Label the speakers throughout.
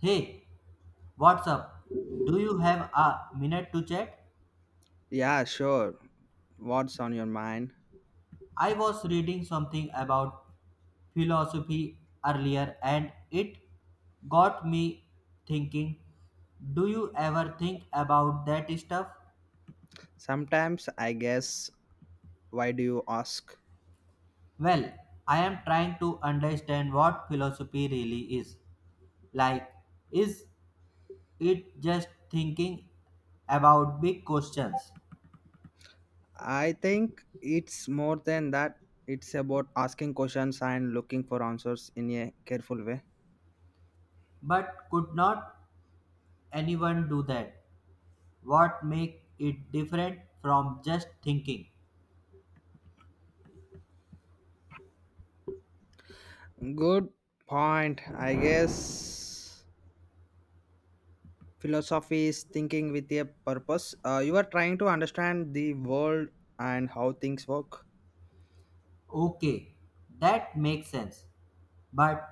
Speaker 1: Hey, what's up? Do you have a minute to chat?
Speaker 2: Yeah, sure. What's on your mind?
Speaker 1: I was reading something about philosophy earlier and it got me thinking. Do you ever think about that stuff?
Speaker 2: Sometimes I guess, why do you ask?
Speaker 1: Well, I am trying to understand what philosophy really is. Like, is it just thinking about big questions?
Speaker 2: I think it's more than that. It's about asking questions and looking for answers in a careful way.
Speaker 1: But could not anyone do that? What make it different from just thinking,
Speaker 2: Good point. I guess philosophy is thinking with a purpose. You are trying to understand the world and how things work.
Speaker 1: okay, that makes sense. But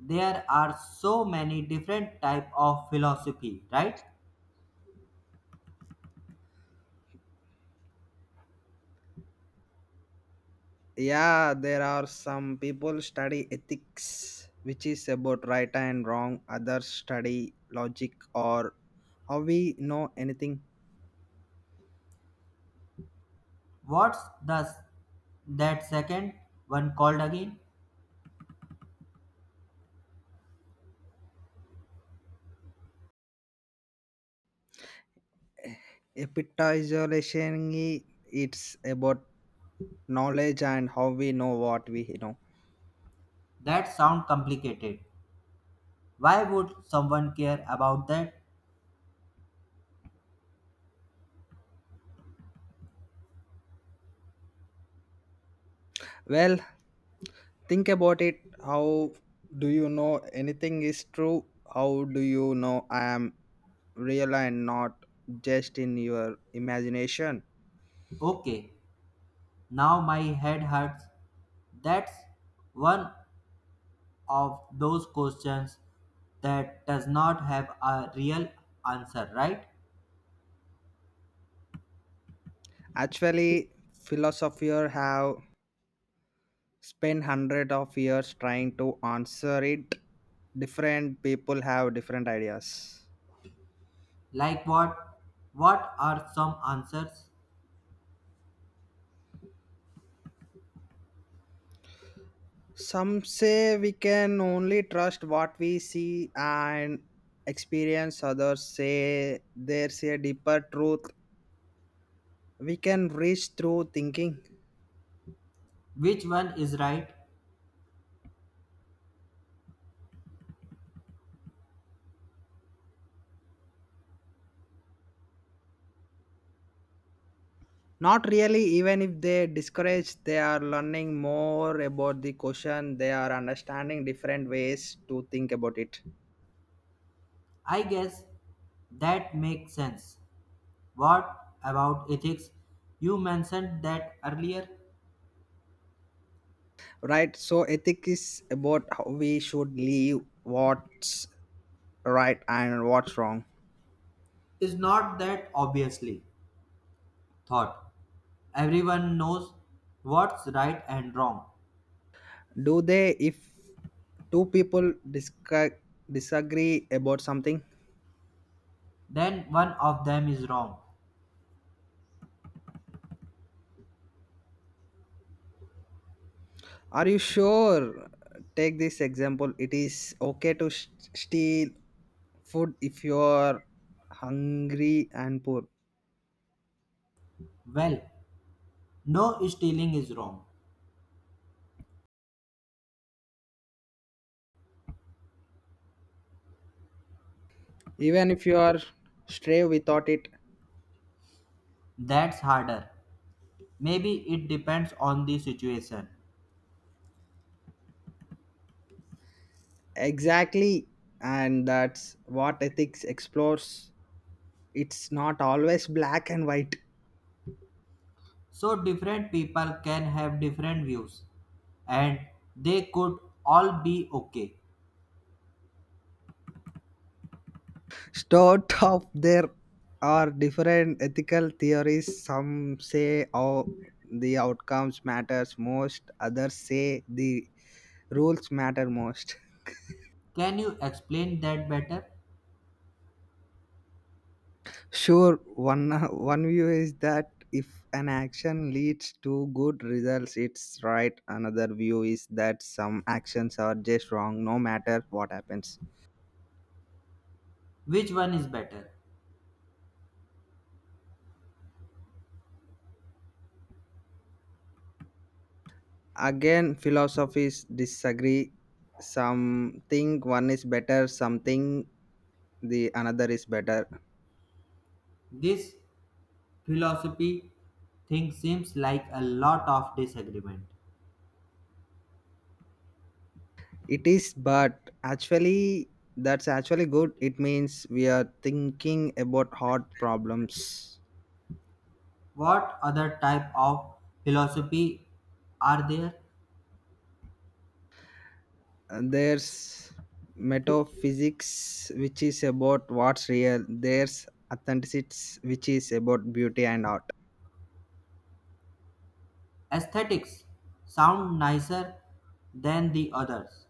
Speaker 1: there are so many different type of philosophy, right?
Speaker 2: Yeah, there are some people study ethics which is about right and wrong, others study logic or how we know anything.
Speaker 1: What's the that second one called again?
Speaker 2: Epitization, it's about knowledge and how we know what we know.
Speaker 1: That sound complicated. Why would someone care about that?
Speaker 2: Well, think about it, how do you know anything is true? How do you know I am real and not just in your imagination?
Speaker 1: Okay, now my head hurts. That's one of those questions that does not have a real answer, right?
Speaker 2: Actually philosophers have spend hundred of years trying to answer it. Different people have different ideas.
Speaker 1: Like what? What are some answers?
Speaker 2: Some say we can only trust what we see and experience, others say there's a deeper truth we can reach through thinking.
Speaker 1: Which one is right?
Speaker 2: Not really, even if they discourage they are learning more about the question, they are understanding different ways to think about it.
Speaker 1: I guess that makes sense. What about ethics? You mentioned that earlier.
Speaker 2: Right, so ethic is about how we should live, what's right and what's wrong.
Speaker 1: Is not that obviously thought. Everyone knows what's right and wrong.
Speaker 2: Do they? If two people disca- disagree about something.
Speaker 1: Then one of them is wrong.
Speaker 2: Are you sure? Take this example, it is okay to steal food if you are hungry and poor.
Speaker 1: Well, no stealing is wrong.
Speaker 2: Even if you are stray without it.
Speaker 1: That's harder. Maybe it depends on the situation.
Speaker 2: Exactly, and that's what ethics explores. It's not always black and white.
Speaker 1: So different people can have different views. And they could all be okay.
Speaker 2: Start of there are different ethical theories. Some say oh, the outcomes matters most. Others say the rules matter most.
Speaker 1: Can you explain that better?
Speaker 2: Sure, one view is that if an action leads to good results, it's right. Another view is that some actions are just wrong, no matter what happens.
Speaker 1: Which one is better?
Speaker 2: Again, philosophies disagree. Some think one is better, something the another is better.
Speaker 1: This philosophy thing seems like a lot of disagreement.
Speaker 2: It is, but that's actually good. It means we are thinking about hard problems.
Speaker 1: What other type of philosophy are there?
Speaker 2: And there's metaphysics, which is about what's real. There's authenticity, which is about beauty and art.
Speaker 1: Aesthetics sound nicer than the others.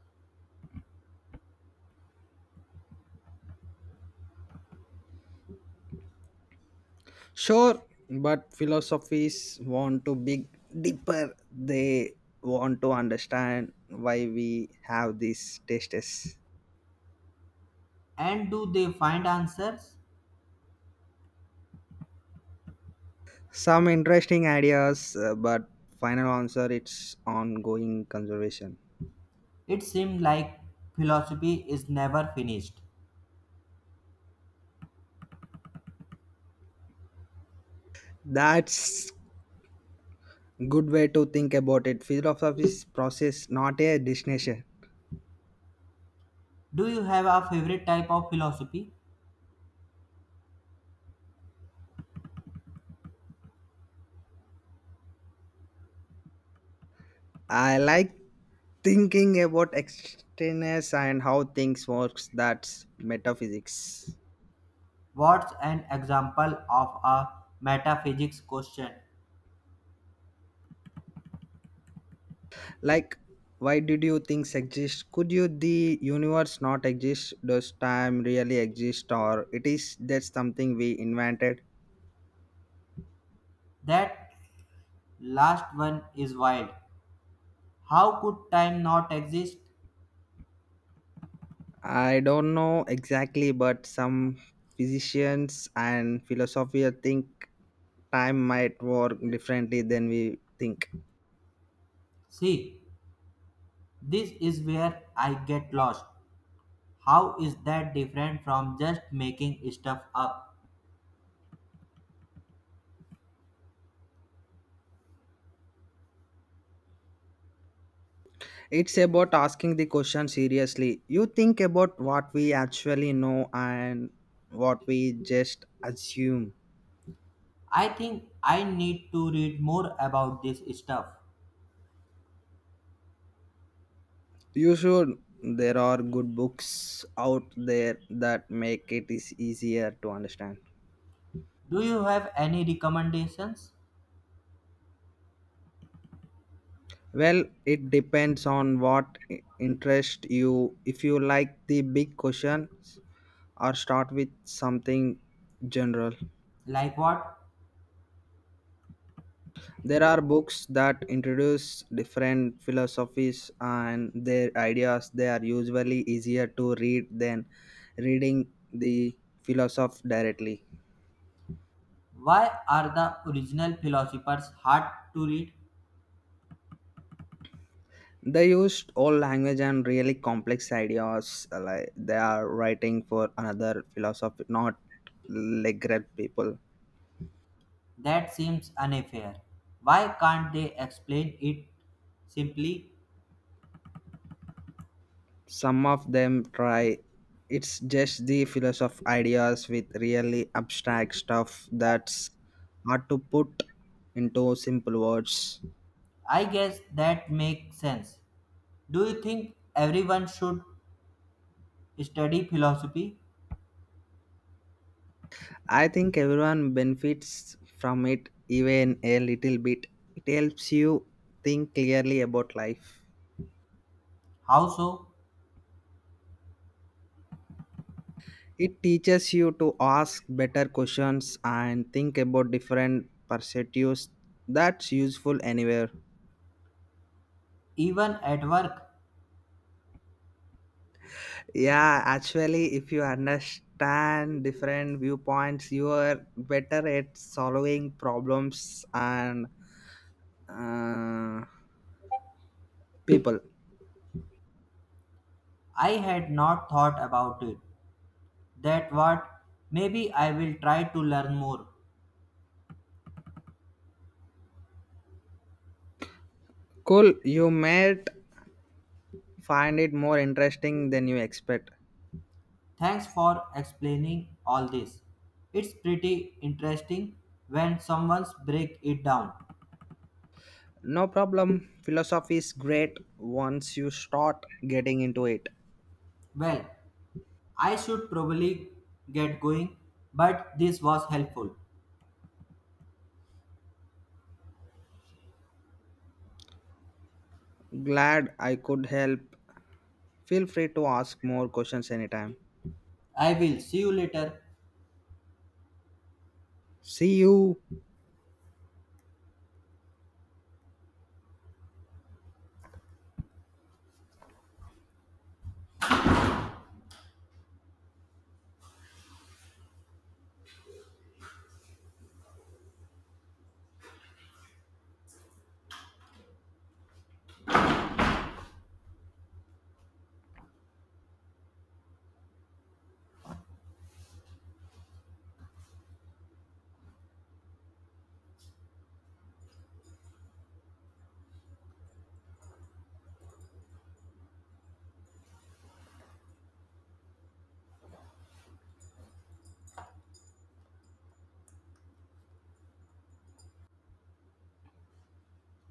Speaker 2: Sure, but philosophies want to be deeper. They want to understand why we have these tastes.
Speaker 1: And do they find answers?
Speaker 2: Some interesting ideas, but final answer it's ongoing conservation.
Speaker 1: It seems like philosophy is never finished.
Speaker 2: That's good way to think about it. Philosophy is process, not a destination.
Speaker 1: Do you have a favorite type of philosophy?
Speaker 2: I like thinking about externess and how things works. That's metaphysics.
Speaker 1: What's an example of a metaphysics question?
Speaker 2: Like, why did you things exist? Could you the universe not exist? Does time really exist, or it is just something we invented?
Speaker 1: That last one is wild. How could time not exist?
Speaker 2: I don't know exactly, but some physicians and philosophers think time might work differently than we think.
Speaker 1: See, this is where I get lost. How is that different from just making stuff up?
Speaker 2: It's about asking the question seriously. You think about what we actually know and what we just assume.
Speaker 1: I think I need to read more about this stuff.
Speaker 2: You should. There are good books out there that make it is easier to understand.
Speaker 1: Do you have any recommendations?
Speaker 2: Well, it depends on what interest you. If you like the big questions, or start with something general.
Speaker 1: Like what?
Speaker 2: There are books that introduce different philosophies and their ideas. They are usually easier to read than reading the philosoph directly.
Speaker 1: Why are the original philosophers hard to read?
Speaker 2: They used old language and really complex ideas. Like they are writing for another philosophy, not literal people.
Speaker 1: That seems unfair. Why can't they explain it simply?
Speaker 2: Some of them try. It's just the philosoph ideas with really abstract stuff that's hard to put into simple words.
Speaker 1: I guess that makes sense. Do you think everyone should study philosophy?
Speaker 2: I think everyone benefits from it even a little bit. It helps you think clearly about life.
Speaker 1: How so?
Speaker 2: It teaches you to ask better questions and think about different perspectives. That's useful anywhere.
Speaker 1: Even at work,
Speaker 2: Yeah, actually, if you understand different viewpoints, you are better at solving problems and uh, people.
Speaker 1: I had not thought about it. That what? Maybe I will try to learn more.
Speaker 2: Cool, you might find it more interesting than you expect.
Speaker 1: Thanks for explaining all this. It's pretty interesting when someone breaks it down.
Speaker 2: No problem, philosophy is great once you start getting into it.
Speaker 1: Well, I should probably get going, but this was helpful.
Speaker 2: Glad I could help. Feel free to ask more questions anytime.
Speaker 1: I will see you later.
Speaker 2: See you.